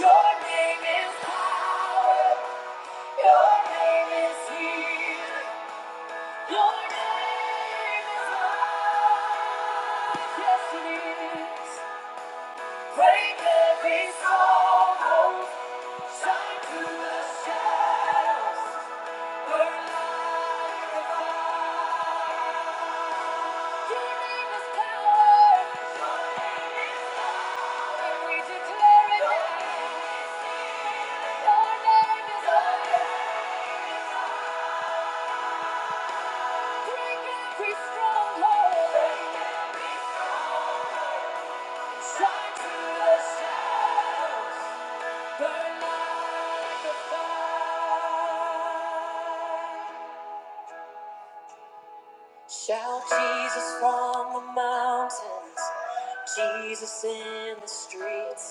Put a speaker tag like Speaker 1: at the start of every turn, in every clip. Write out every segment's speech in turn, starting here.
Speaker 1: Your name is power. Your name is healing. Your name is love. Yes, it is. Break every stronghold. Shine through the shadows. Burn like a Your name is power. We declare it now. Your name is holy. Break every stronghold. Shine to the shadows. Burn like a fire. Shout Jesus from the mountains. Jesus in the streets.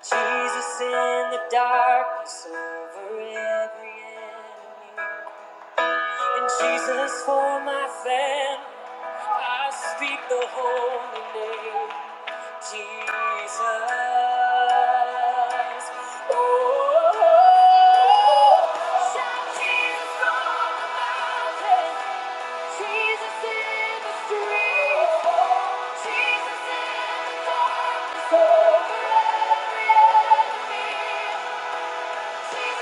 Speaker 1: Jesus in the darkness over every enemy. And Jesus for my family. I speak the holy name, Jesus. Oh, shout Jesus on the mountain, Jesus in the street, Jesus in the darkness over every enemy. Your name is healing.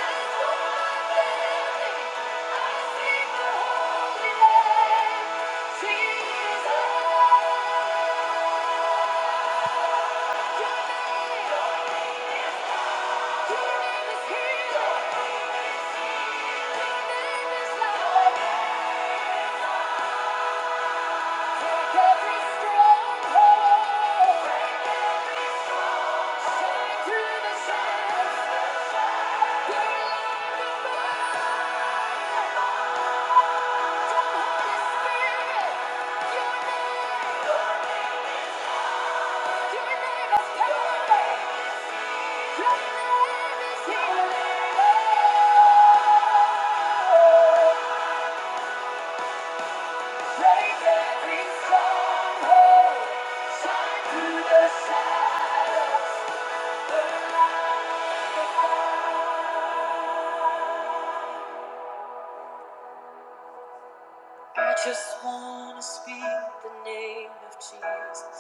Speaker 1: I just wanna speak the name of Jesus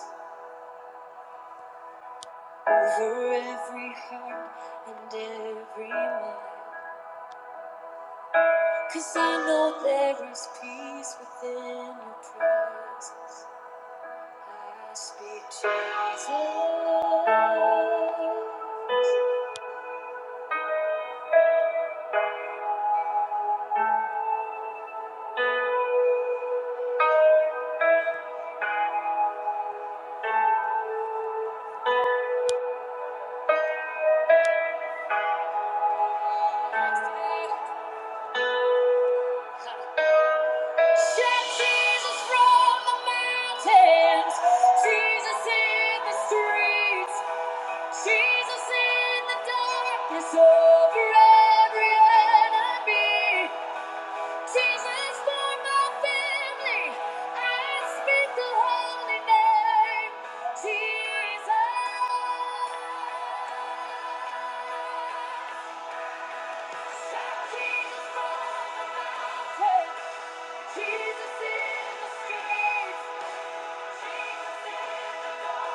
Speaker 1: over every heart and every mind. Cause I know there is peace within your presence. I speak Jesus. Shout Jesus from the mountains, Jesus in the streets, Jesus in the darkness over every enemy, Jesus for my family. I speak the holy name, Jesus. Shout Jesus from the mountains, Jesus in the streets, Jesus in the darkness.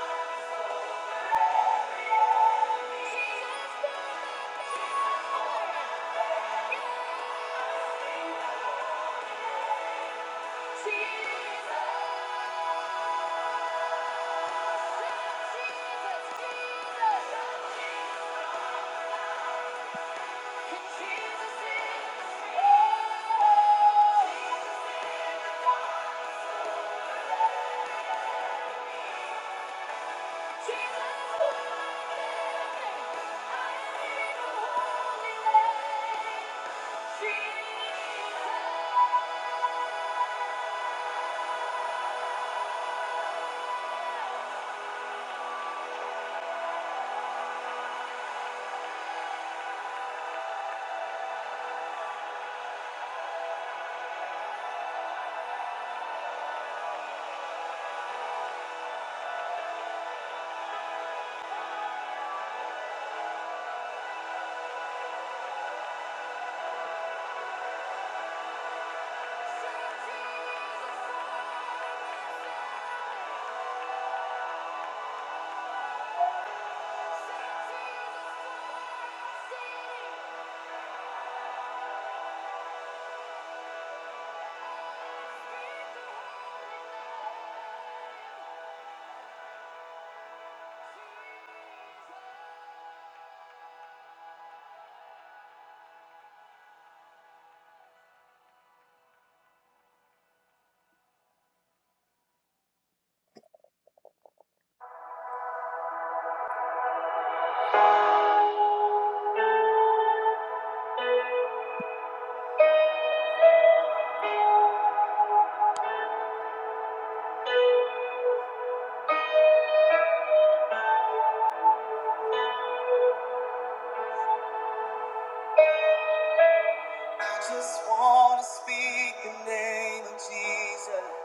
Speaker 1: I just want to speak the name of Jesus.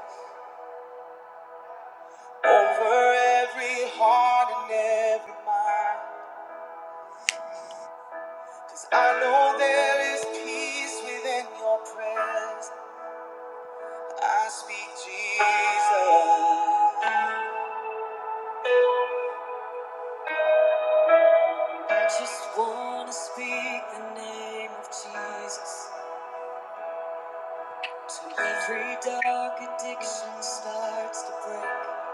Speaker 1: Over every heart and every mind. Cause I know there is peace within your presence. I speak Jesus. I just wanna speak the name of Jesus. Till every dark addiction starts to break.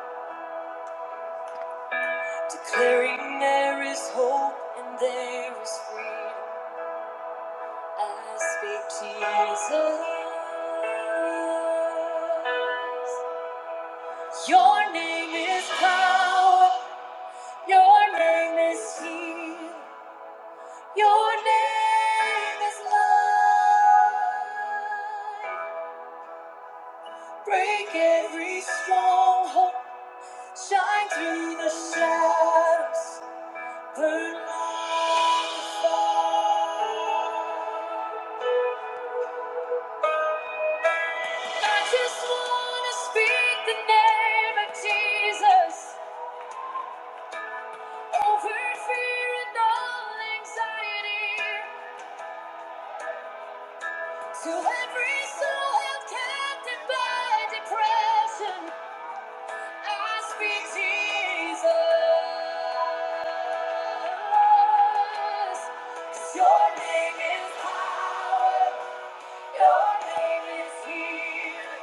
Speaker 1: Declaring there is hope and there is freedom. I speak Jesus. Your name is power. Your name is healing. Your name is light. Break every stronghold. Shine through the shadows. Burn like fire. I just wanna speak the name of Jesus over fear and all anxiety. To every soul held captive by depression, I speak Jesus. 'Cause Your name is power, your name is healing,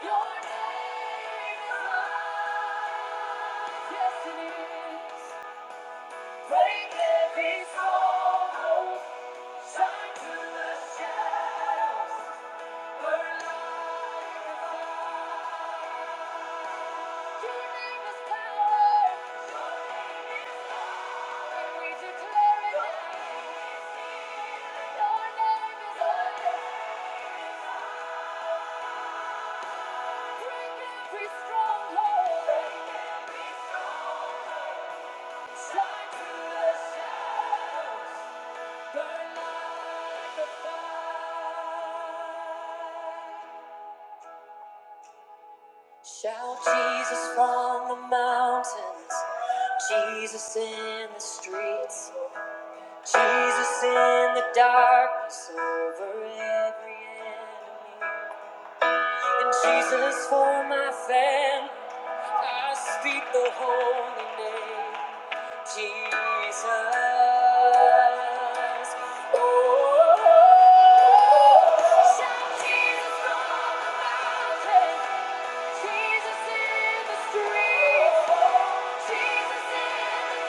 Speaker 1: your name is love. Yes, it is. Break every stronghold, shine through the shadows. Shout Jesus from the mountains, Jesus in the streets. Jesus in the darkness over every enemy. And Jesus for my family, I speak the holy name. Jesus. Oh, shout Jesus from the mountain. Jesus in the streets. Jesus in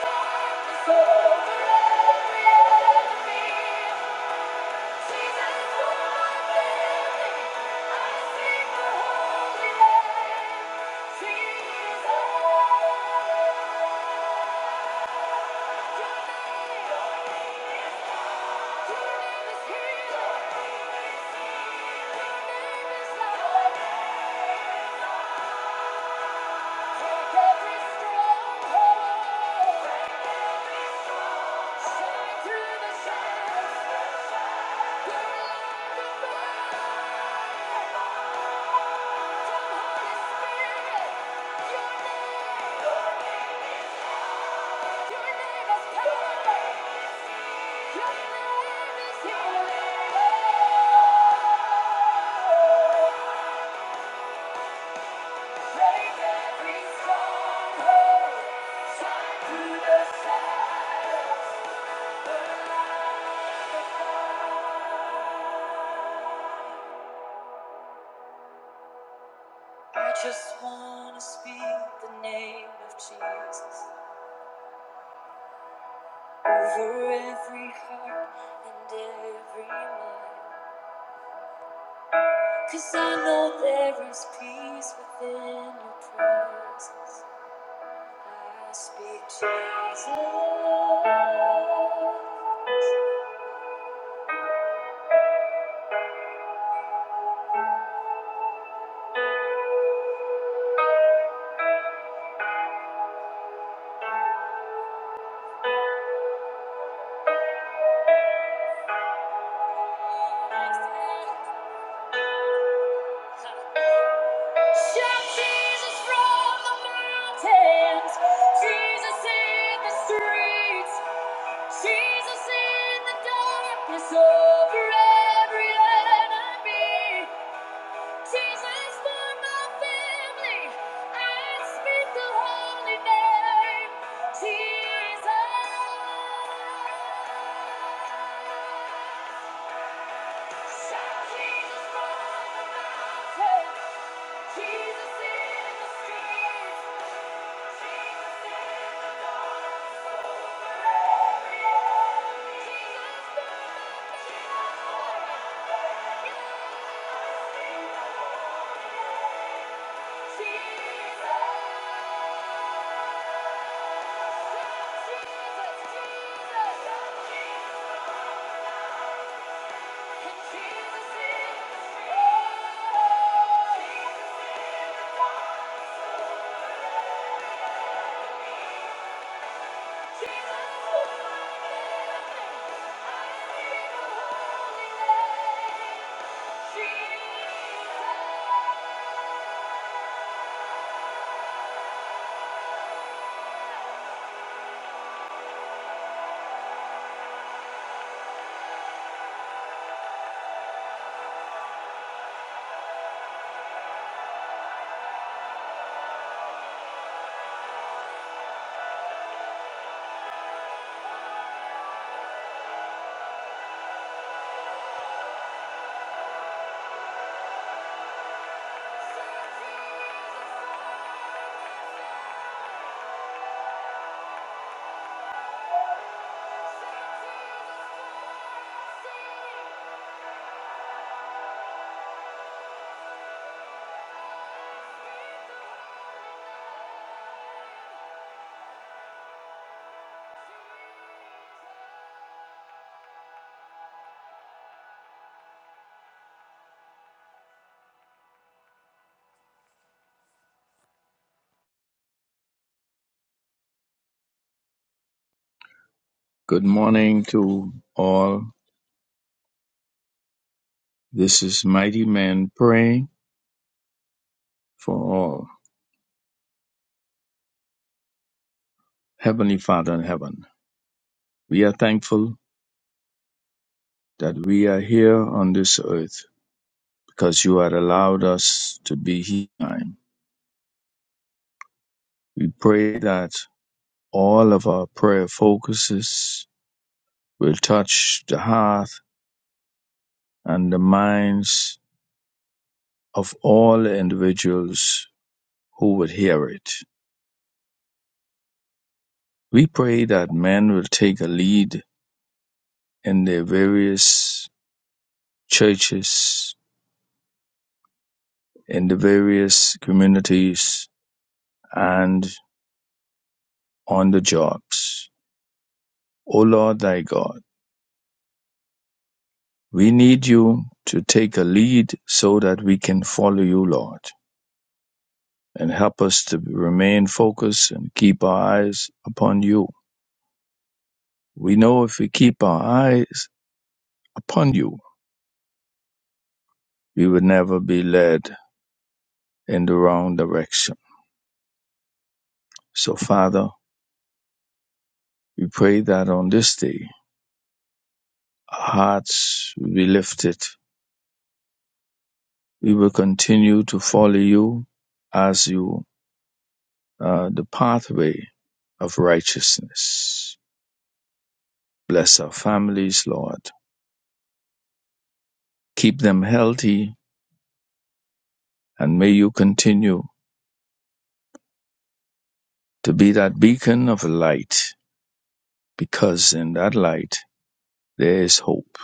Speaker 1: the darkness over every enemy. Jesus who I'm living. I sing the holy name. Jesus. Break every stronghold, shine through the silence. I just want to speak the name of Jesus over every heart and every mind. 'cause I know there is peace within your presence. I speak Jesus. Shout Jesus from the mountains, Jesus in the streets. Jesus in the darkness over every enemy. Jesus for my family. I speak the holy name. Jesus. Shout Jesus from the mountain. Jesus in the streets. Jesus in the dark. every enemy. Jesus for my family. I speak the holy name. Jesus.
Speaker 2: Good morning to all. This is Mighty Man praying for all. Heavenly Father in heaven, we are thankful that we are here on this earth because you had allowed us to be here. We pray that all of our prayer focuses will touch the heart and the minds of all individuals who would hear it. We pray that men will take a lead in their various churches in the various communities and on the jobs. O Lord thy God, we need you to take a lead so that we can follow you, Lord, and help us to remain focused and keep our eyes upon you. We know if we keep our eyes upon you, we would never be led in the wrong direction. So, Father, we pray that on this day, our hearts will be lifted We will continue to follow you as you uh, the pathway of righteousness. Bless our families, Lord. Keep them healthy and may you continue to be that beacon of light because in that light there is hope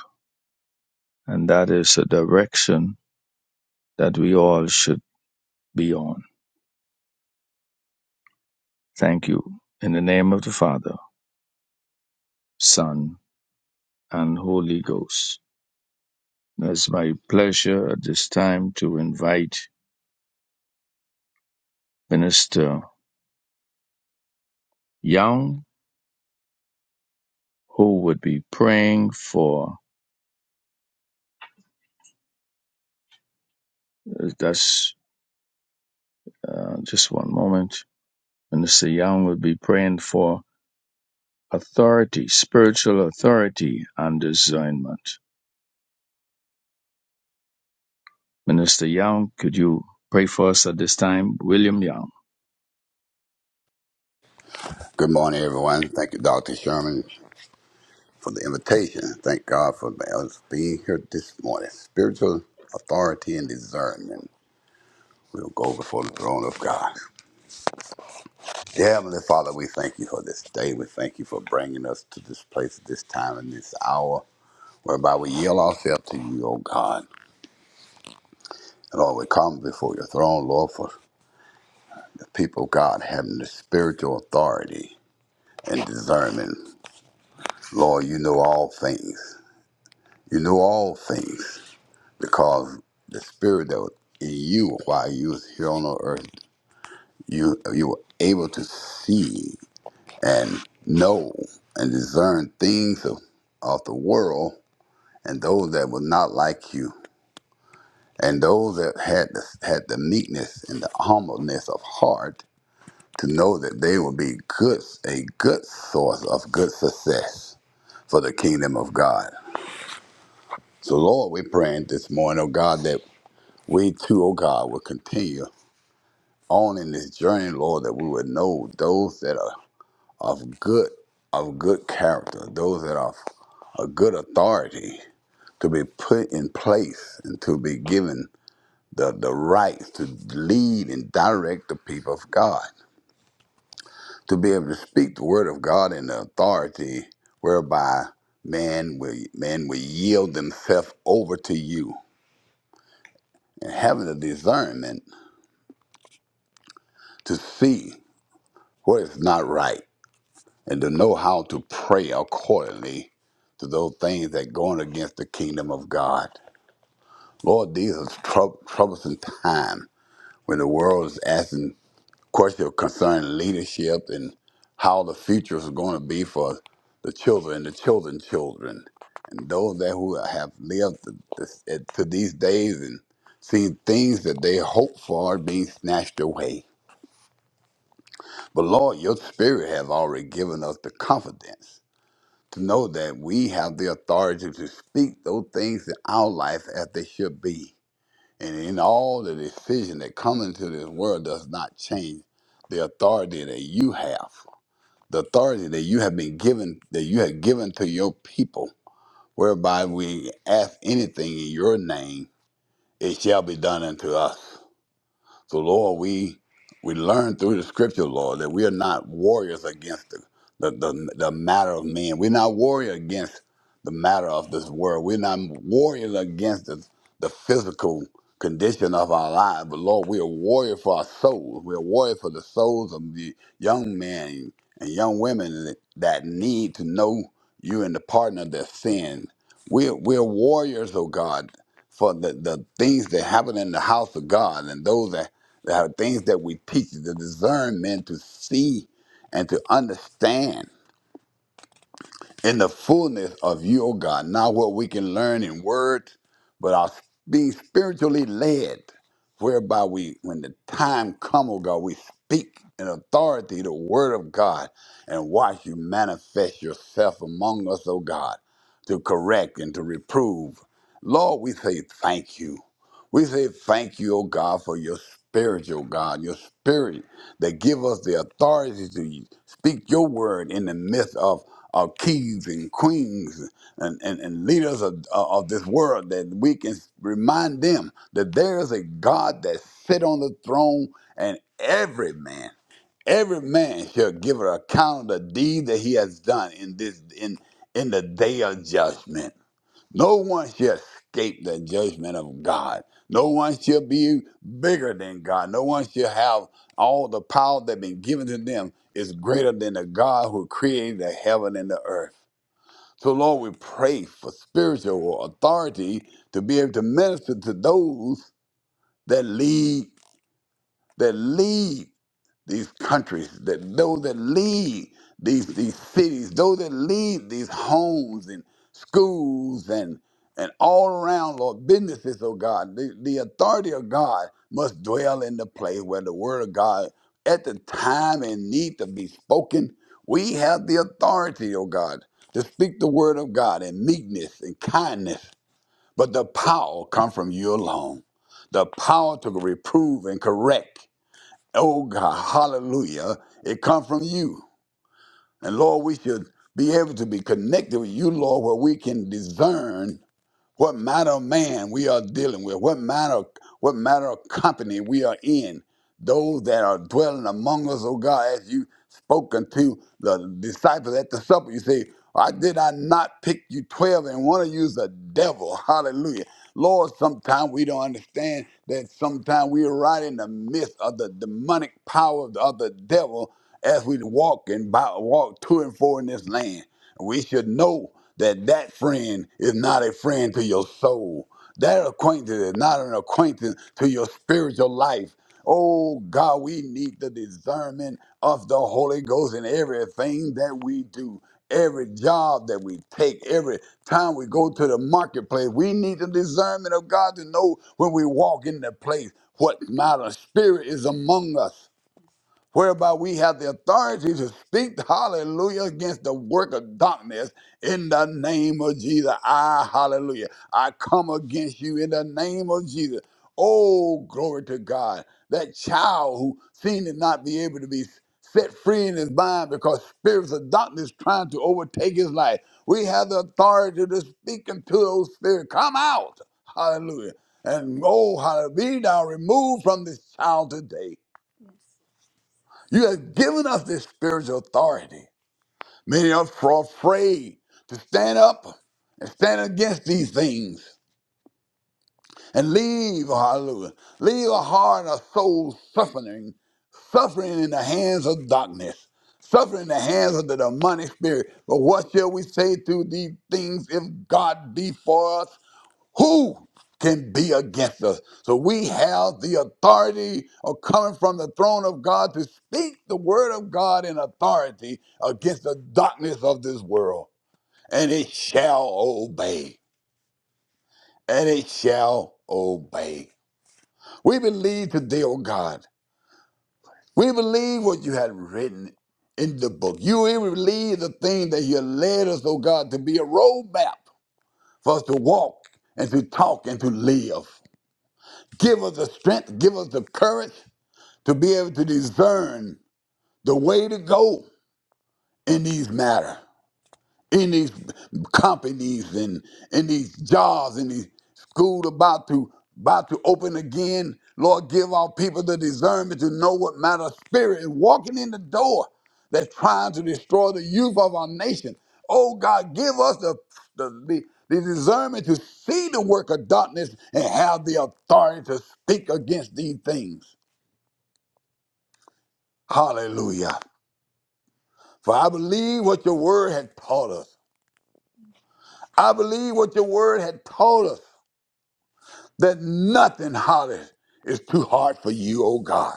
Speaker 2: and that is a direction that we all should be on. Thank you. In the name of the Father, Son, and Holy Ghost. It's my pleasure at this time to invite Minister Young, who would be praying for, uh, that's uh, just one moment. Minister Young would be praying for authority, spiritual authority and discernment. Minister Young, could you pray for us at this time? William Young.
Speaker 3: Good morning, everyone. Thank you, Dr. Sherman, for the invitation. Thank God for us being here this morning. Spiritual authority and discernment. We'll go before the throne of God. Dear Heavenly Father, we thank you for this day. We thank you for bringing us to this place at this time and this hour, whereby we yield ourselves to you, O God. And Lord, we come before your throne, Lord, for the people of God having the spiritual authority and discernment. Lord, you know all things. You know all things. because the spirit that was in you while you was here on the earth, you you were able to see and know and discern things of, of the world and those that were not like you and those that had the, had the meekness and the humbleness of heart to know that they would be good a good source of good success for the kingdom of God. So Lord, we're praying this morning, oh God, that we too, oh God, will continue on in this journey, Lord, that we would know those that are of good of good character, those that are of a good authority to be put in place and to be given the, the right to lead and direct the people of God, to be able to speak the word of God in the authority whereby man will man will yield themselves over to you and having the discernment to see what is not right and to know how to pray accordingly to those things that going against the kingdom of God. Lord, these are trou- troublesome times when the world is asking questions concerning leadership and how the future is going to be for the children, the children's children, and those that who have lived to, this- to these days and seen things that they hope for being snatched away. But Lord, your spirit have already given us the confidence to know that we have the authority to speak those things in our life as they should be. And in all the decision that come into this world does not change the authority that you have, the authority that you have been given, that you have given to your people, whereby we ask anything in your name, it shall be done unto us. So, Lord, we we learn through the scripture, Lord, that we are not warriors against the, the, the, the matter of men. We're not warrior against the matter of this world. We're not warriors against the, the physical condition of our lives. But, Lord, we are warrior for our souls. We are warrior for the souls of the young men and young women that need to know you and the pardon of their sin. We're, we're warriors, oh God, for the, the things that happen in the house of God and those that, that are things that we teach, the discernment to see and to understand in the fullness of you, O God, not what we can learn in words, but our being spiritually led, whereby we, when the time come, O God, we speak in authority the word of God and watch you manifest yourself among us, O God, to correct and to reprove. Lord, we say thank you. We say thank you, O God, for your spiritual God, your spirit that give us the authority to speak your word in the midst of our kings and queens and, and, and leaders of, of this world that we can remind them that there is a God that sit on the throne and every man, every man shall give an account of the deed that he has done in this in in the day of judgment. No one shall escape the judgment of God. No one shall be bigger than God. No one shall have all the power that been given to them is greater than the God who created the heaven and the earth. So Lord, we pray for spiritual authority to be able to minister to those that lead, that lead these countries, that those that lead these these cities, those that lead these homes and schools and and all around, Lord, businesses, oh God, the, the authority of God must dwell in the place where the word of God at the time and need to be spoken. We have the authority, oh God, to speak the word of God in meekness and kindness. But the power come from you alone. The power to reprove and correct Oh God, hallelujah. It comes from you. And Lord, we should be able to be connected with you, Lord, where we can discern what manner of man we are dealing with, what manner, what manner of company we are in. Those that are dwelling among us, oh God, as you spoken to the disciples at the supper, you say, I did I not pick you twelve, and one of you is a devil. Hallelujah. Lord, sometimes we don't understand that sometimes we are right in the midst of the demonic power of the, of the devil as we walk and by, walk to and fro in this land we should know that that friend is not a friend to your soul. That acquaintance is not an acquaintance to your spiritual life. Oh God, we need the discernment of the Holy Ghost in everything that we do, every job that we take, every time we go to the marketplace. We need the discernment of God to know when we walk in the place what not a spirit is among us whereby we have the authority to speak, hallelujah, against the work of darkness in the name of Jesus. I, hallelujah, I come against you in the name of Jesus. Oh, glory to God. That child who seemed to not be able to be set free in his mind because spirits of darkness trying to overtake his life. We have the authority to speak into those spirits. Come out. Hallelujah. And oh, hallelujah. Be thou removed from this child today. You have given us this spiritual authority. Many of us are afraid to stand up and stand against these things and leave, hallelujah, leave a heart and a soul suffering, suffering in the hands of darkness, suffering in the hands of the demonic spirit. But what shall we say to these things if God be for us? Who can be against us? So we have the authority of coming from the throne of God to speak the word of God in authority against the darkness of this world. And it shall obey. And it shall obey. We believe today, oh God. We believe what you had written in the book. You even believe the thing that you led us, oh God, to be a roadmap for us to walk and to talk and to live. Give us the strength, give us the courage to be able to discern the way to go in these matter, in these companies and in these jobs, in these school about to about to open again. Lord, give our people the discernment to know what matter of spirit is walking in the door that's trying to destroy the youth of our nation. Oh God, give us the the, the the discernment to see the work of darkness and have the authority to speak against these things. Hallelujah. For I believe what your word had taught us. I believe what your word had taught us that nothing, hallelujah, is too hard for you, O God.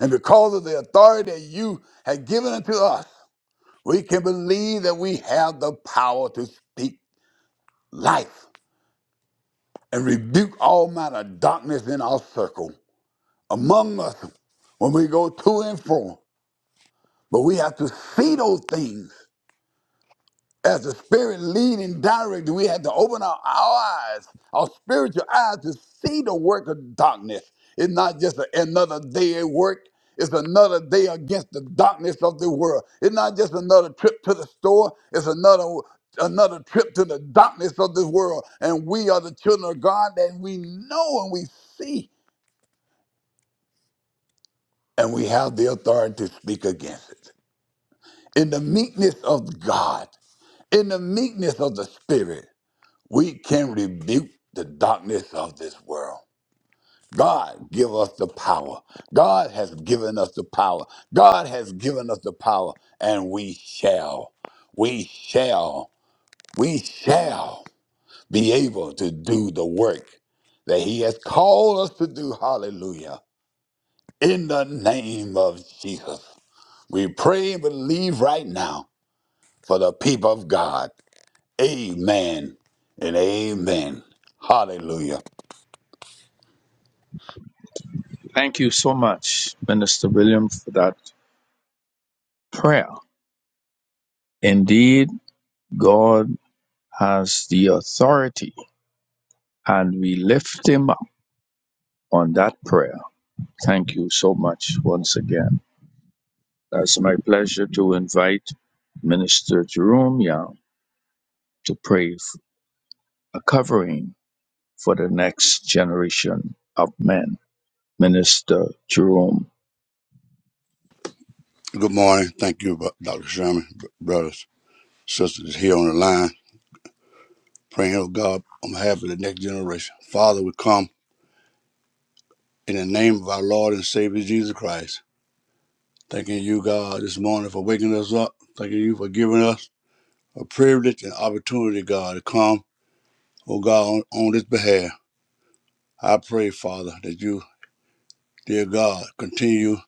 Speaker 3: And because of the authority that you have given unto us, we can believe that we have the power to speak life and rebuke all manner of darkness in our circle among us when we go to and fro. But we have to see those things as the Spirit lead and direct, we have to open our, our eyes, our spiritual eyes, to see the work of darkness. It's not just a- another day at work. It's another day against the darkness of the world. It's not just another trip to the store. It's another another trip to the darkness of this world. And we are the children of God that we know and we see, and we have the authority to speak against it. In the meekness of God, in the meekness of the Spirit, we can rebuke the darkness of this world. God give us the power. God has given us the power. God has given us the power, and we shall, we shall, we shall be able to do the work that He has called us to do. Hallelujah. In the name of Jesus, we pray and believe right now for the people of God. Amen and amen. Hallelujah.
Speaker 2: Thank you so much, Minister William, for that prayer. Indeed, God has the authority, and we lift him up on that prayer. Thank you so much once again. It's my pleasure to invite Minister Jerome Young to pray f- a covering for the next generation of men. Minister Jerome.
Speaker 4: Good morning. Thank you, Bro- Dr. Sherman, br- brothers, sisters here on the line. Praying, oh God, on behalf of the next generation. Father, we come in the name of our Lord and Savior Jesus Christ. Thanking you, God, this morning for waking us up. Thanking you for giving us a privilege and opportunity, God, to come, oh God, on, on this behalf. I pray, Father, that you, dear God, continue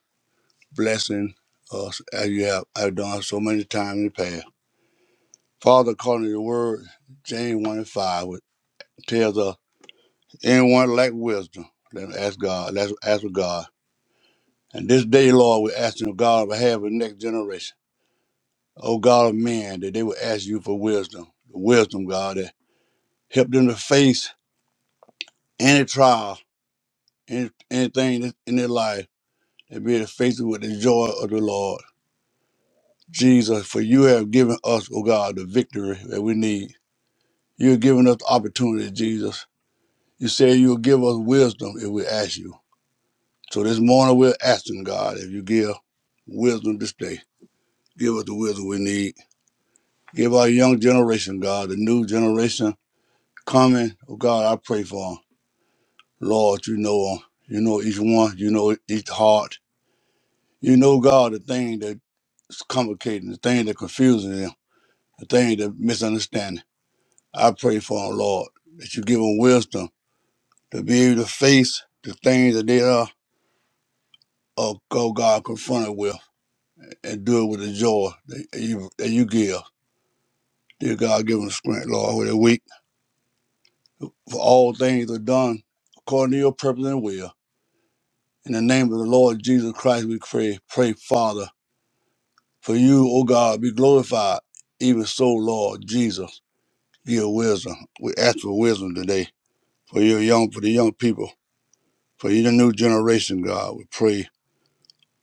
Speaker 4: blessing us as you have, have done so many times in the past. Father, according to your word, James 1 and 5, which tells us. Anyone lack wisdom, let us ask God. Let's ask of God. And this day, Lord, we're asking of God on behalf of the next generation. Oh God of man, that they will ask you for wisdom. Wisdom, God, that help them to face any trial, any, anything that's in their life, and be able to face it with the joy of the Lord. Jesus, for you have given us, oh God, the victory that we need. You've given us the opportunity, Jesus. You say you'll give us wisdom if we ask you. So this morning we're asking God if you give wisdom this day. Give us the wisdom we need. Give our young generation, God, the new generation coming. Oh God, I pray for 'em. Lord, you know 'em. You know each one. You know each heart. You know, God, the thing that's complicating, the thing that confusing them, the thing that misunderstanding. I pray for 'em, Lord, that you give 'em wisdom to be able to face the things that they are, oh oh God, confronted with and do it with the joy that you, that you give. Dear God, give them strength, Lord, where they're weak. For all things are done according to your purpose and will. In the name of the Lord Jesus Christ, we pray. Pray, Father, for you, O God, be glorified. Even so, Lord Jesus, give wisdom. We ask for wisdom today for your young, for the young people, for you, the new generation, God. We pray.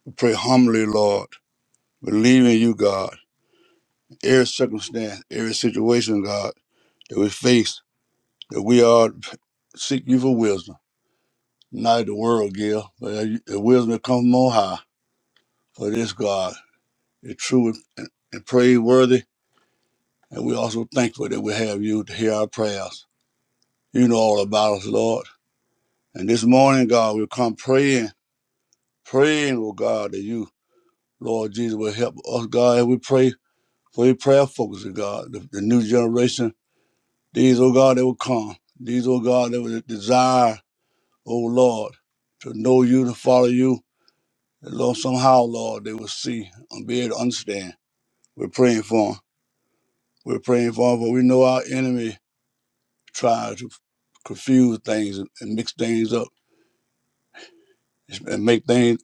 Speaker 4: We pray humbly, Lord. Believe in you, God. Every circumstance, every situation, God, that we face, that we are seek you for wisdom not the world give, but the wisdom come from on high. For this God is true and, and praiseworthy, and we also thankful that we have you to hear our prayers. You know all about us, Lord. And this morning, God, we come praying, praying, oh God, that you, Lord Jesus, will help us, God, as we pray for your prayer focus, oh God, the, the new generation. These, oh God, that will come. These, oh God, that will desire, oh Lord, to know you, to follow you, Lord, somehow, Lord, they will see and be able to understand. We're praying for them. We're praying for them, but we know our enemy tries to confuse things and and mix things up and make things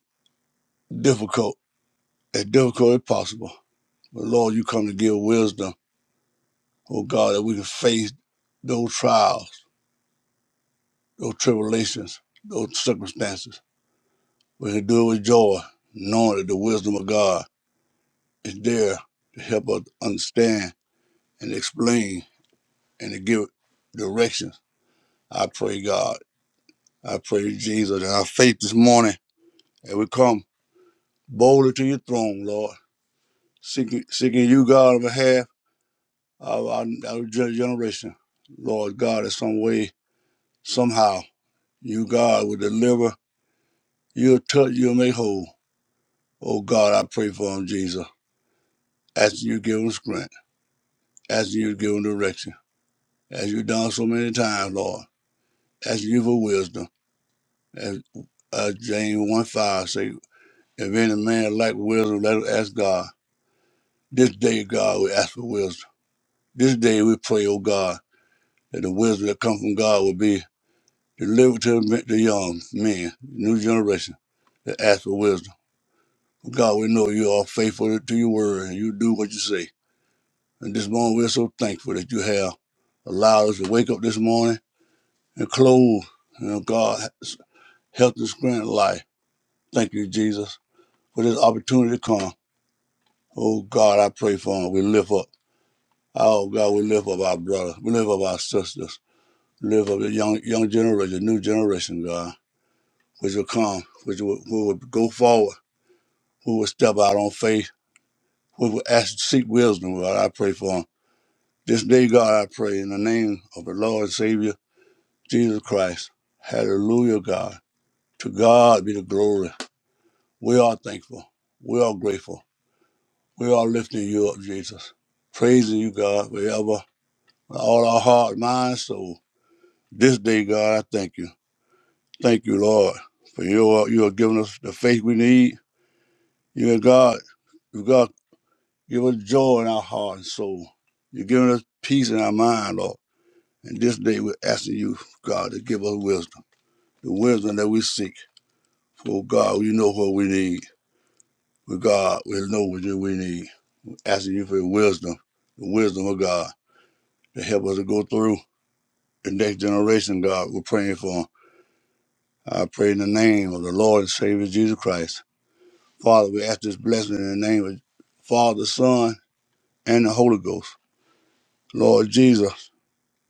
Speaker 4: difficult, as difficult as possible. But Lord, you come to give wisdom, oh God, that we can face those trials, those tribulations, those circumstances. We can do it with joy, knowing that the wisdom of God is there to help us understand and explain and to give directions I pray, God. I pray, Jesus, that our faith this morning, that we come boldly to your throne, Lord, seeking, seeking you, God, on behalf of our, our gen- generation. Lord God, in some way, somehow, you, God, will deliver. You'll touch, you'll make whole. Oh, God, I pray for him, Jesus. Asking you to give him strength, asking you to give him direction, as you've done so many times, Lord, asking you for wisdom. As uh, James 1 5 say, if any man lack wisdom, let him ask God This day, God, we ask for wisdom. This day, we pray, O God, that the wisdom that comes from God will be delivered to the young men, new generation, that ask for wisdom. God, we know you are faithful to your word and you do what you say. And this morning, we're so thankful that you have allowed us to wake up this morning and clothe, you know, God, health and strength and life. Thank you, Jesus, for this opportunity to come. Oh, God, I pray for him. We lift up. Oh, God, we lift up our brothers, We lift up our sisters. live up the young young generation, new generation, God, which will come, which will, who will go forward, who will step out on faith, who will ask seek wisdom, God. I pray for them. This day, God, I pray in the name of the Lord and Savior Jesus Christ. Hallelujah, God. To God be the glory. We are thankful. We are grateful. We are lifting you up, Jesus. Praising you, God, forever. with All our heart, mind, soul. This day, God, I thank you. Thank you, Lord, for you are you are giving us the faith we need. You are God. You God give us joy in our heart and soul. You're giving us peace in our mind, Lord. And this day we're asking you, God, to give us wisdom. The wisdom that we seek. Oh God, you know what we need. With God, we know what you- we need. Asking you for your wisdom, the wisdom of God to help us to go through the next generation, God. We're praying for. I pray in the name of the Lord and Savior Jesus Christ. Father, we ask this blessing in the name of Father, Son, and the Holy Ghost. Lord Jesus,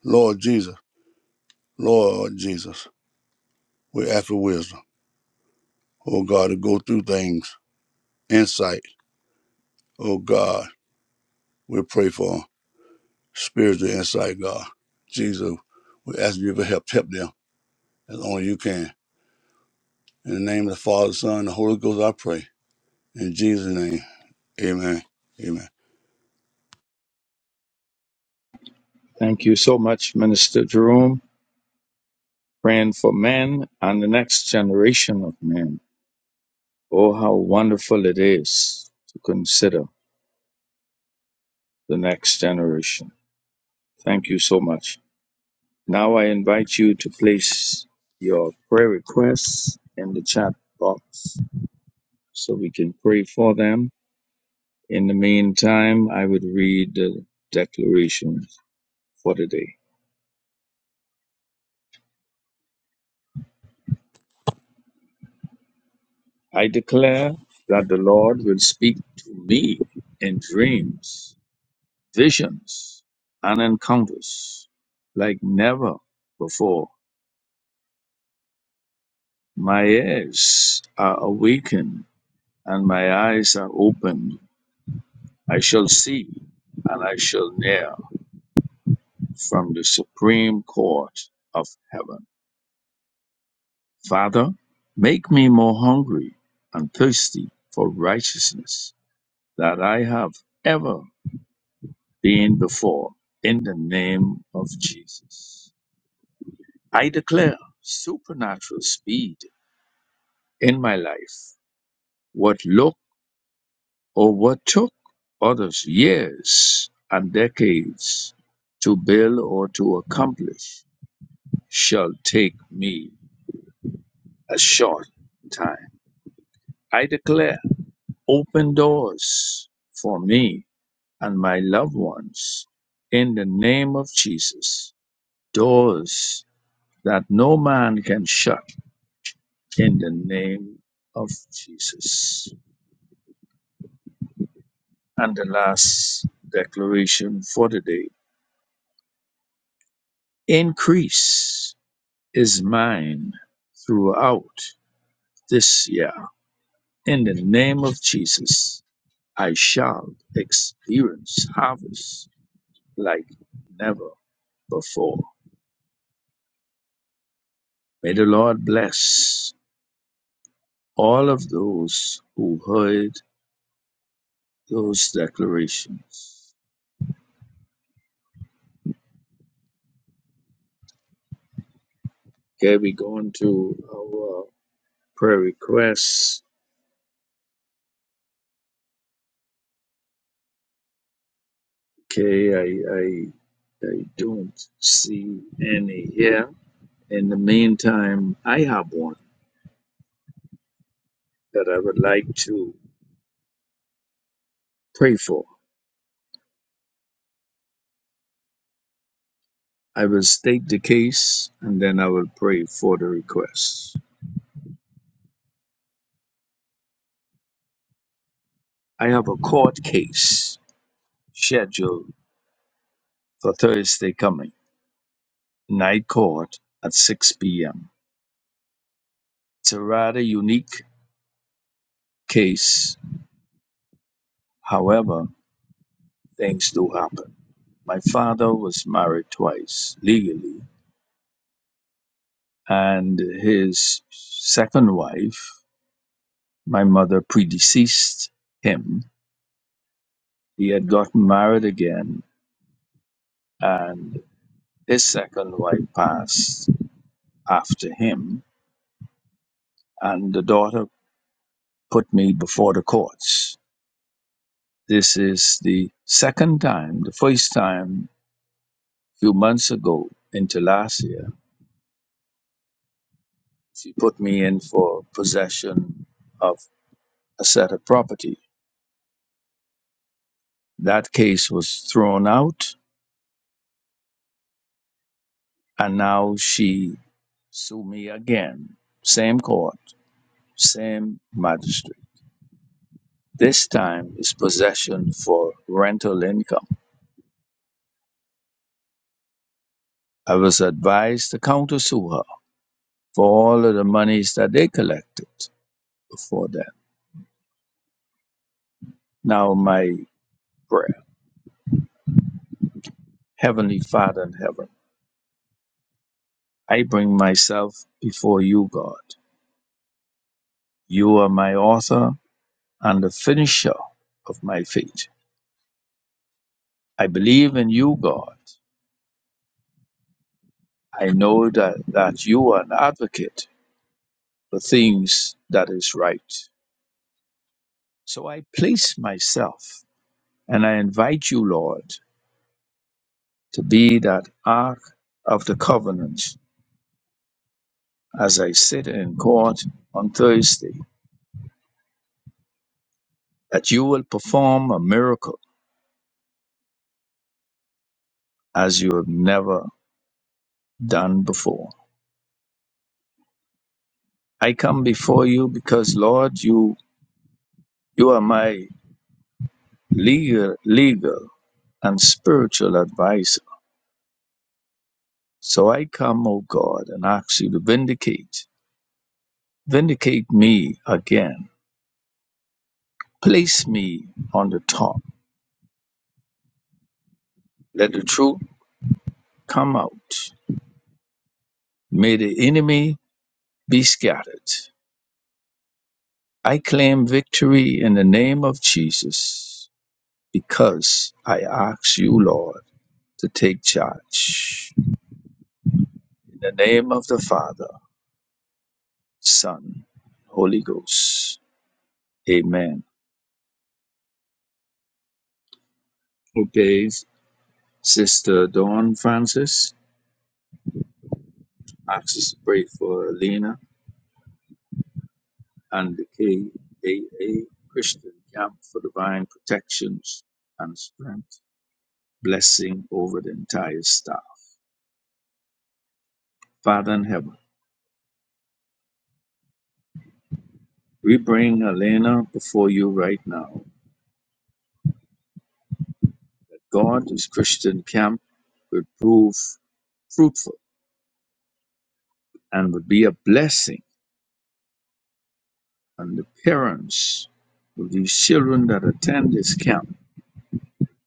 Speaker 4: Lord Jesus, Lord Jesus, we ask for wisdom, oh God, to go through things, insight, oh God, we pray for spiritual insight, God. Jesus, we ask you for help, help them as only you can. In the name of the Father, Son, and the Holy Ghost, I pray. In Jesus' name, amen, amen.
Speaker 2: Thank you so much, Minister Jerome, praying for men and the next generation of men. Oh, how wonderful it is to consider the next generation. Thank you so much. Now I invite you to place your prayer requests in the chat box so we can pray for them. In the meantime, I would read the declaration for today. I declare that the Lord will speak to me in dreams, visions, and encounters like never before. My ears are awakened and my eyes are opened. I shall see and I shall hear from the supreme court of heaven. Father, make me more hungry and thirsty for righteousness than I have ever been before in the name of Jesus. I declare supernatural speed in my life. What looked or what took others years and decades to build or to accomplish shall take me a short time. I declare open doors for me and my loved ones in the name of Jesus. Doors that no man can shut in the name of Jesus. And the last declaration for the day increase is mine throughout this year. In the name of Jesus, I shall experience harvest like never before. May the Lord bless All of those who heard those declarations. Okay, we going to our prayer requests. Okay, I, I I don't see any here. In the meantime, I have one that I would like to pray for. I will state the case and then I will pray for the request. I have a court case scheduled for Thursday coming, night court at 6 p.m. It's a rather unique case. However, things do happen. My father was married twice legally, and his second wife, my mother, predeceased him. He had gotten married again, and his second wife passed after him, and the daughter put me before the courts. This is the second time, the first time a few months ago into last year She put me in for possession of a set of property. That case was thrown out, and now she sued me again. Same court, same magistrate. This time is possession for rental income. I was advised to countersue her for all of the monies that they collected before that. Now my prayer, Heavenly Father in heaven, I bring myself before you, God. You are my author and the finisher of my faith. I believe in you, God. I know that, that you are an advocate for things that is right. So I place myself and I invite you, Lord, to be that ark of the covenant as I sit in court on Thursday, that you will perform a miracle as you have never done before. I come before you because, Lord, you you are my legal legal and spiritual advice, So I come, O God, and ask you to vindicate, vindicate me again. Place me on the top. Let the truth come out. May the enemy be scattered. I claim victory in the name of Jesus because I ask you, Lord, to take charge. In the name of the Father, Son, Holy Ghost. Amen. Okay, Sister Dawn Francis. I just pray for Alina and the KAA Christian Camp for divine protections and strength, blessing over the entire staff. Father in heaven, we bring Alina before you right now. God, this Christian camp will prove fruitful and will be a blessing, and the parents of these children that attend this camp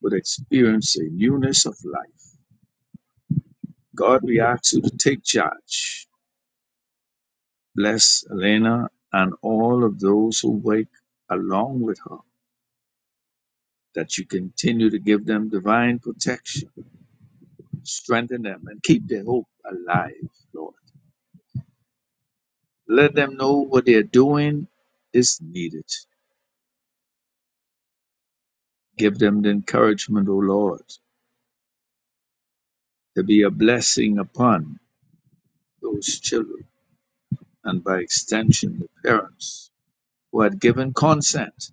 Speaker 2: would experience a newness of life. God, we ask you to take charge Bless Elena and all of those who wake along with her, that you continue to give them divine protection, strengthen them, and keep their hope alive, Lord. Let them know what they're doing is needed. Give them the encouragement, O Lord, to be a blessing upon those children and by extension the parents who had given consent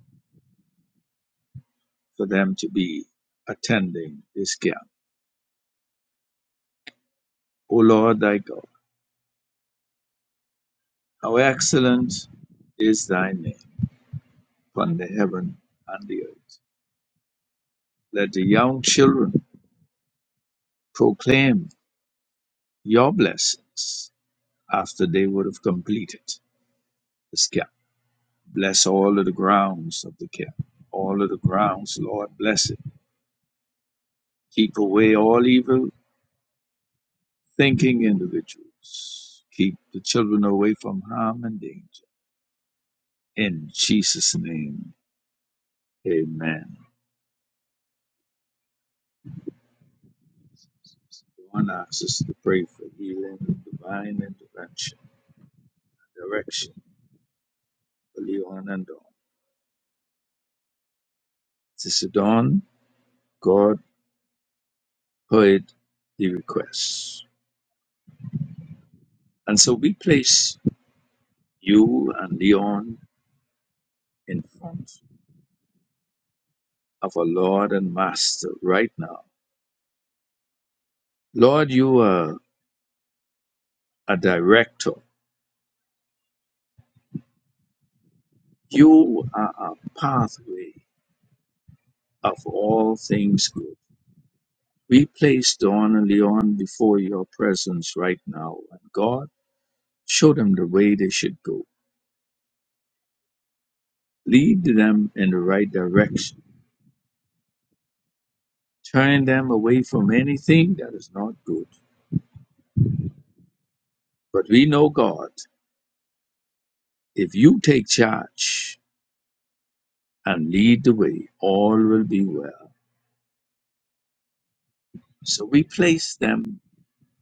Speaker 2: for them to be attending this camp. O Lord, thy God. How excellent is thy name upon the heaven and the earth. Let the young children proclaim your blessings after they would have completed this camp. Bless all of the grounds of the camp. All of the grounds, Lord, bless it. Keep away all evil thinking individuals. Keep the children away from harm and danger. In Jesus' name, amen. One asks us to pray for healing and divine intervention direction for Leon and Dawn. Sister Dawn, God heard the requests. And so we place you and Leon in front of our Lord and Master right now. Lord, you are a director. You are a pathway of all things good. We place Dawn and Leon before your presence right now. And God, show them the way they should go. Lead them in the right direction turning them away from anything that is not good. But we know God, if you take charge and lead the way, all will be well. So we place them,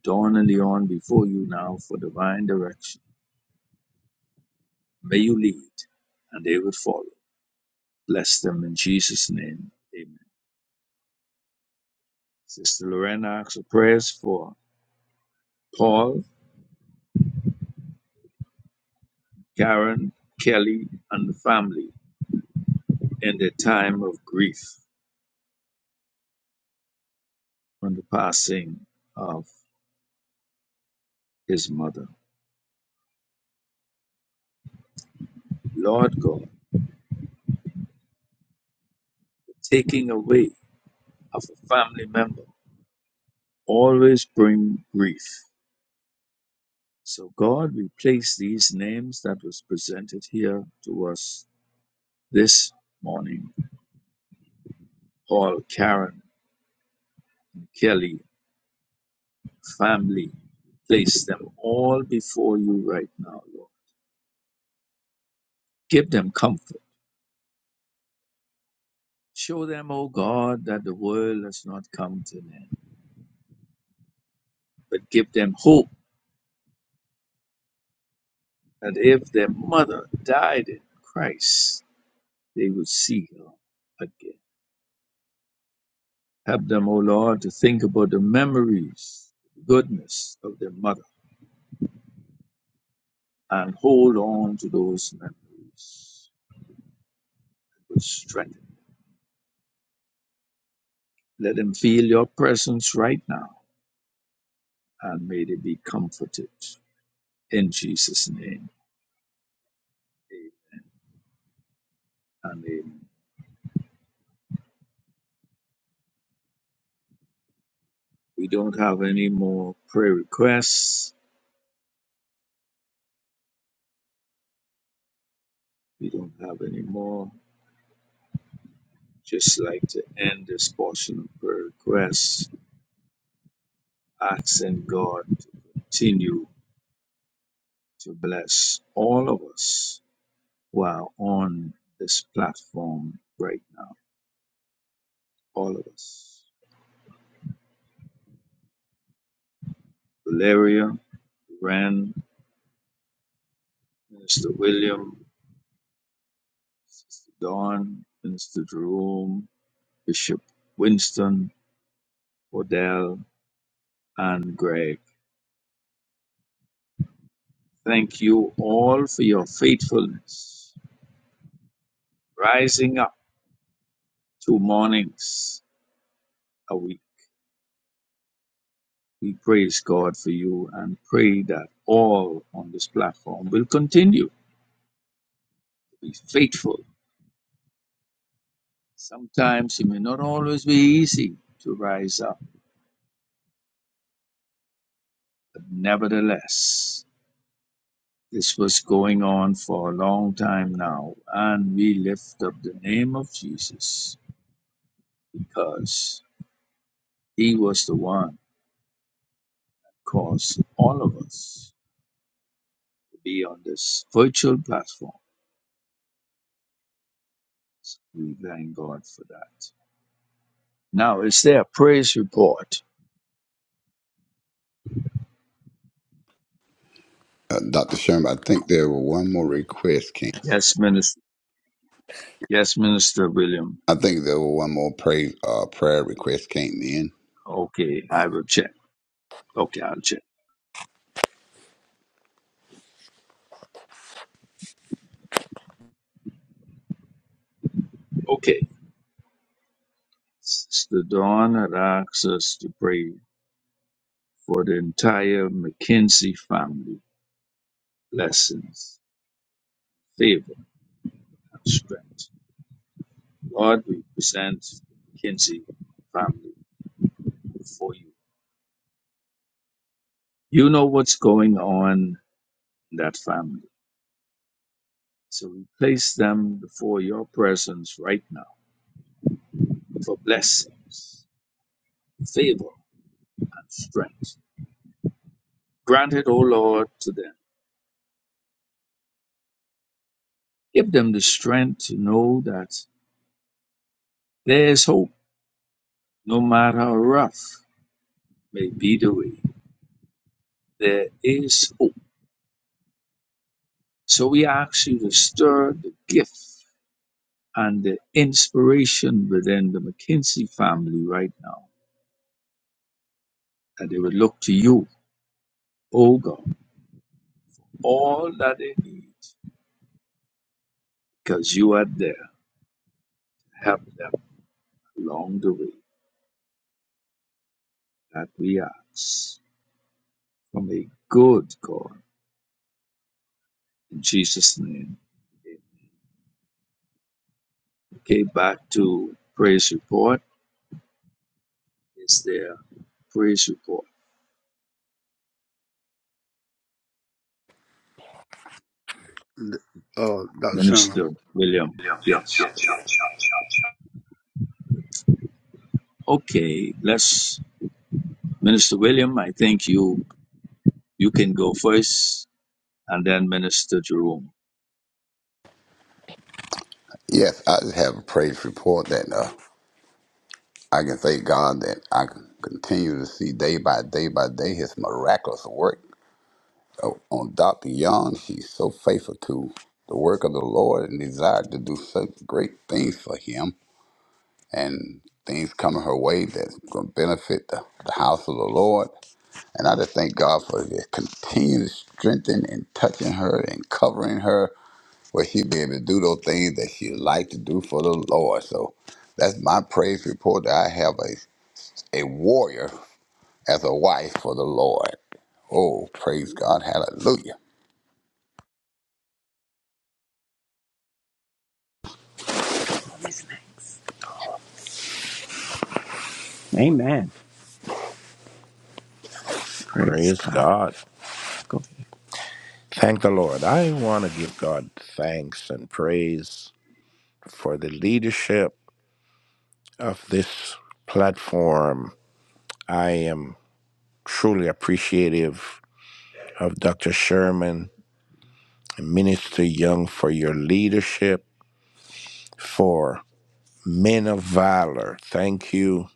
Speaker 2: Dawn and Leon, before you now for divine direction. May you lead, and they will follow. Bless them in Jesus' name. Amen. Sister Lorena asks for prayers for Paul, Karen, Kelly, and the family in their time of grief on the passing of his mother. Lord God, the taking away of a family member always bring grief. So God, we place these names that was presented here to us this morning. Paul, Karen, Kelly, family, place them all before you right now, Lord. Give them comfort. Show them, O God, that the world has not come to an end, but give them hope that if their mother died in Christ, they would see her again. Help them, O Lord, to think about the memories, the goodness of their mother, and hold on to those memories with strength. Let them feel your presence right now, and may they be comforted. In Jesus' name, and amen. We don't have any more prayer requests. We don't have any more. Just like to end this portion of prayer requests, asking God to continue to bless all of us who are on this platform right now. All of us. Valeria, Ren, Minister William, Sister Dawn, Minister Jerome, Bishop Winston, Odell, and Greg. Thank you all for your faithfulness. Rising up two mornings a week. We praise God for you and pray that all on this platform will continue to be faithful Sometimes it may not always be easy to rise up, but nevertheless, this was going on for a long time now, and we lift up the name of Jesus because he was the one who caused all of us to be on this virtual platform. We thank God for that. Now, is there a praise report?
Speaker 3: Uh, Dr. Sherman, I think there were one more request came.
Speaker 2: Yes, Minister. Yes, Minister William.
Speaker 3: I think there were one more pray, uh, prayer request came in.
Speaker 2: Okay,
Speaker 3: Uh,
Speaker 2: I will check. Okay, I'll check. Okay. Since the dawn had asked us to pray for the entire McKinsey family blessings, favor, and strength. Lord, we present the McKinsey family before you. You know what's going on in that family. So we place them before your presence right now for blessings, favor, and strength. Grant it, O Lord, to them. Give them the strength to know that there is hope, no matter how rough may be the way. There is hope. So we ask you to stir the gift and the inspiration within the McKinsey family right now, that they would look to you, O God, all that they need, because you are there. Help them along the way that we ask from a good God in Jesus' name. Okay, back to praise report. Is there praise report?
Speaker 4: Uh, Dr. Sherman,
Speaker 2: Minister William. Yes. Okay, let's Minister William. I think you you can go first, and then Minister Jerome.
Speaker 3: yes, I just have a praise report that uh, I can thank God that I can continue to see day by day by day His miraculous work Oh, on Dr. Young. She's so faithful to the work of the Lord and desired to do such great things for Him and things coming her way that's going to benefit the, the house of the Lord. And I just thank God for his continued strengthening and touching her and covering her where she be able to do those things that she like to do for the Lord. So that's my praise report that I have a, a warrior as a wife for the Lord. Oh, praise God. Hallelujah.
Speaker 5: Amen. Praise Praise God. God. Go- ahead. Thank the Lord. I want to give God thanks and praise for the leadership of this platform. I am truly appreciative of Dr. Sherman and Minister Young for your leadership, for men of valor. Thank you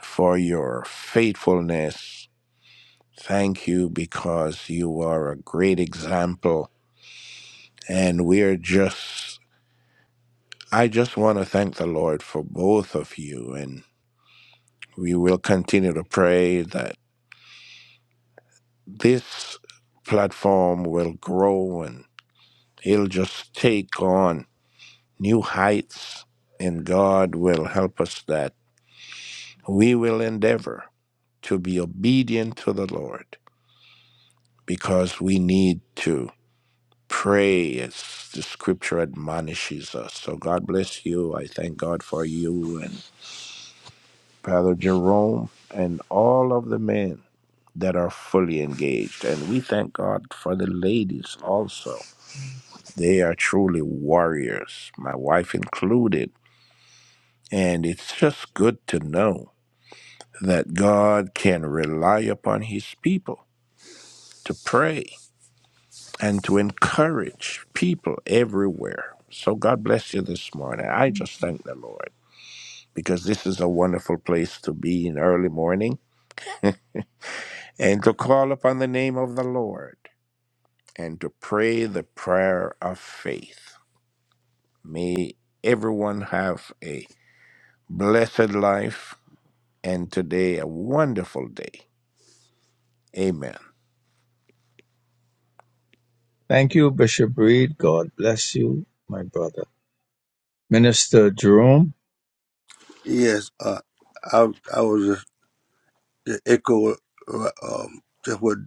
Speaker 5: for your faithfulness. Thank you because you are a great example, and we are just I just want to thank the Lord for both of you, and we will continue to pray that this platform will grow and it'll just take on new heights, and God will help us that we will endeavor to be obedient to the Lord because we need to pray as the scripture admonishes us. So, God bless you. I thank God for you and Brother Jerome and all of the men. that are fully engaged. And we thank God for the ladies also. They are truly warriors, my wife included. And it's just good to know that God can rely upon his people to pray and to encourage people everywhere. So God bless you this morning. I just thank the Lord because this is a wonderful place to be in early morning and to call upon the name of the Lord and to pray the prayer of faith. May everyone have a blessed life and today a wonderful day. Amen.
Speaker 2: Thank you, Bishop Reed. God bless you, my brother. Minister Jerome,
Speaker 4: yes, uh, I, I was Just echo uh, um, just what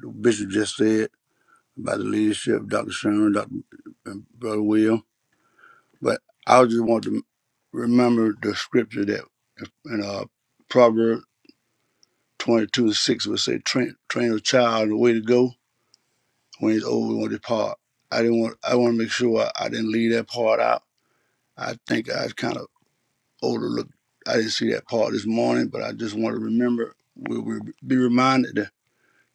Speaker 4: the Bishop just said about the leadership, Dr. Sherman, Dr. and Brother Will. But I just want to remember the scripture that in uh, Proverbs 22 and 6 would say, train, train a child in the way to go. When he's old, he won't depart. I didn't want. I want to make sure I, I didn't leave that part out. I think I kind of overlooked. I didn't see that part this morning, but I just want to remember. We will be reminded to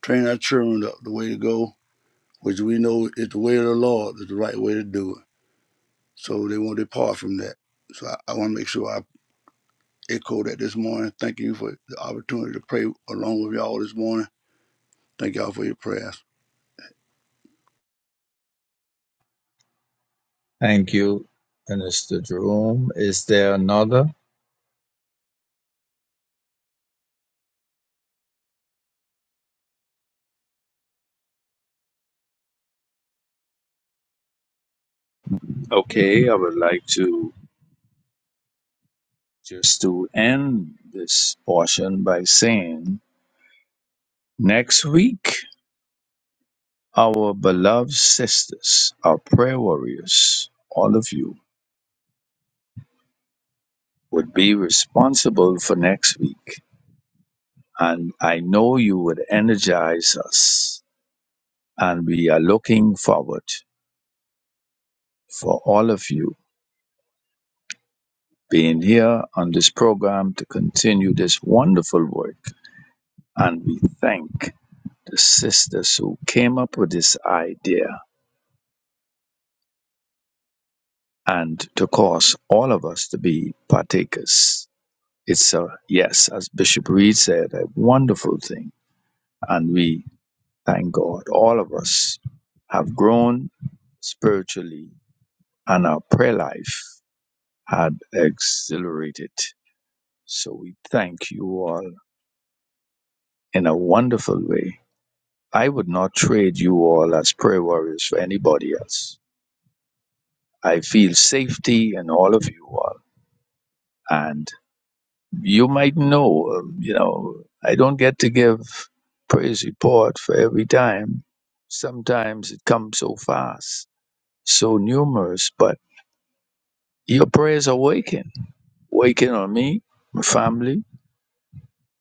Speaker 4: train our children the, the way to go which we know is the way of the Lord, is the right way to do it. So they won't depart from that. So I, I want to make sure I echo that this morning. Thank you for the opportunity to pray along with y'all this morning. Thank y'all for your prayers.
Speaker 2: thank you, Minister Jerome. Is there another? Okay, I would like to just to end this portion by saying next week our beloved sisters, our prayer warriors, all of you would be responsible for next week. And I know you would energize us. And we are looking forward for all of you being here on this program to continue this wonderful work. And we thank the sisters who came up with this idea and to cause all of us to be partakers. It's a, yes, as Bishop Reed said, a wonderful thing. And we thank God, all of us have grown spiritually and our prayer life. had exhilarated, So we thank you all in a wonderful way. I would not trade you all as prayer warriors for anybody else. I feel safety in all of you all. And you might know, um, you know, I don't get to give praise report for every time. Sometimes it comes so fast, so numerous, but your prayers are waking, waking on me, my family,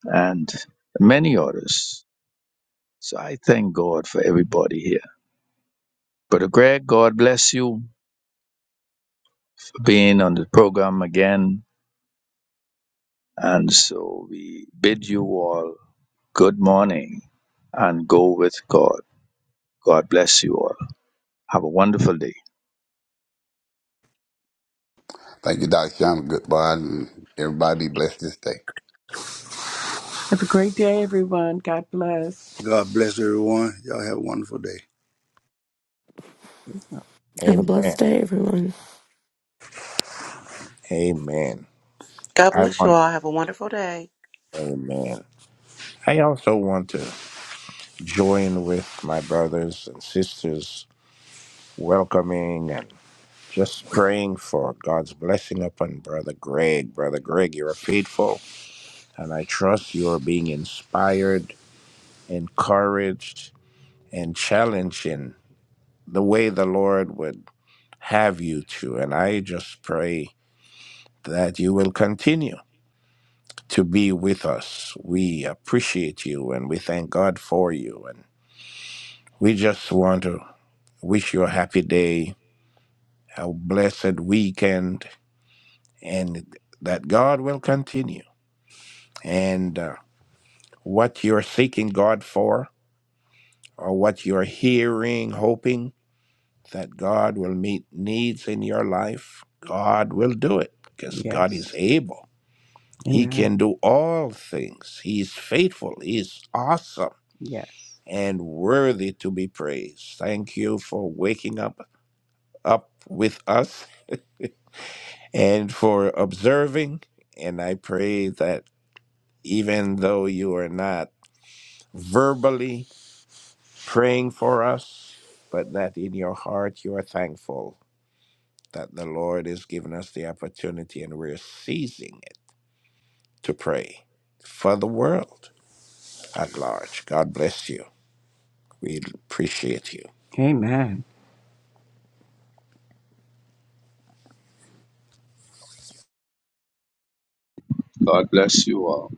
Speaker 2: and many others. So I thank God for everybody here. Brother Greg, God bless you for being on the program again. And so we bid you all good morning and go with God. God bless you all. Have a wonderful day.
Speaker 3: Thank you, Dr. Sherman. Goodbye. And everybody be blessed this day.
Speaker 5: Have a great day, everyone. God bless.
Speaker 4: God bless everyone. Y'all have a wonderful day.
Speaker 6: Have a
Speaker 5: Amen.
Speaker 6: blessed day, everyone.
Speaker 5: Amen.
Speaker 7: God
Speaker 5: I
Speaker 7: bless you
Speaker 5: want
Speaker 7: all. Have a wonderful day.
Speaker 5: Amen. I also want to join with my brothers and sisters welcoming and just praying for God's blessing upon Brother Greg. Brother Greg, you are faithful, and I trust you are being inspired, encouraged, and challenged the way the Lord would have you to. And I just pray that you will continue to be with us. We appreciate you and we thank God for you. And we just want to wish you a happy day, a blessed weekend, and that God will continue. And uh, what you're seeking God for, or what you're hearing, hoping that God will meet needs in your life, God will do it because God Yes. is able. He Amen. can do all things. He is faithful. He is awesome Yes. and worthy to be praised. Thank you for waking up up with us and for observing. And I pray that even though you are not verbally praying for us, but that in your heart you are thankful that the Lord has given us the opportunity and we're seizing it to pray for the world at large. God bless you. We appreciate you. Amen.
Speaker 2: God bless you all.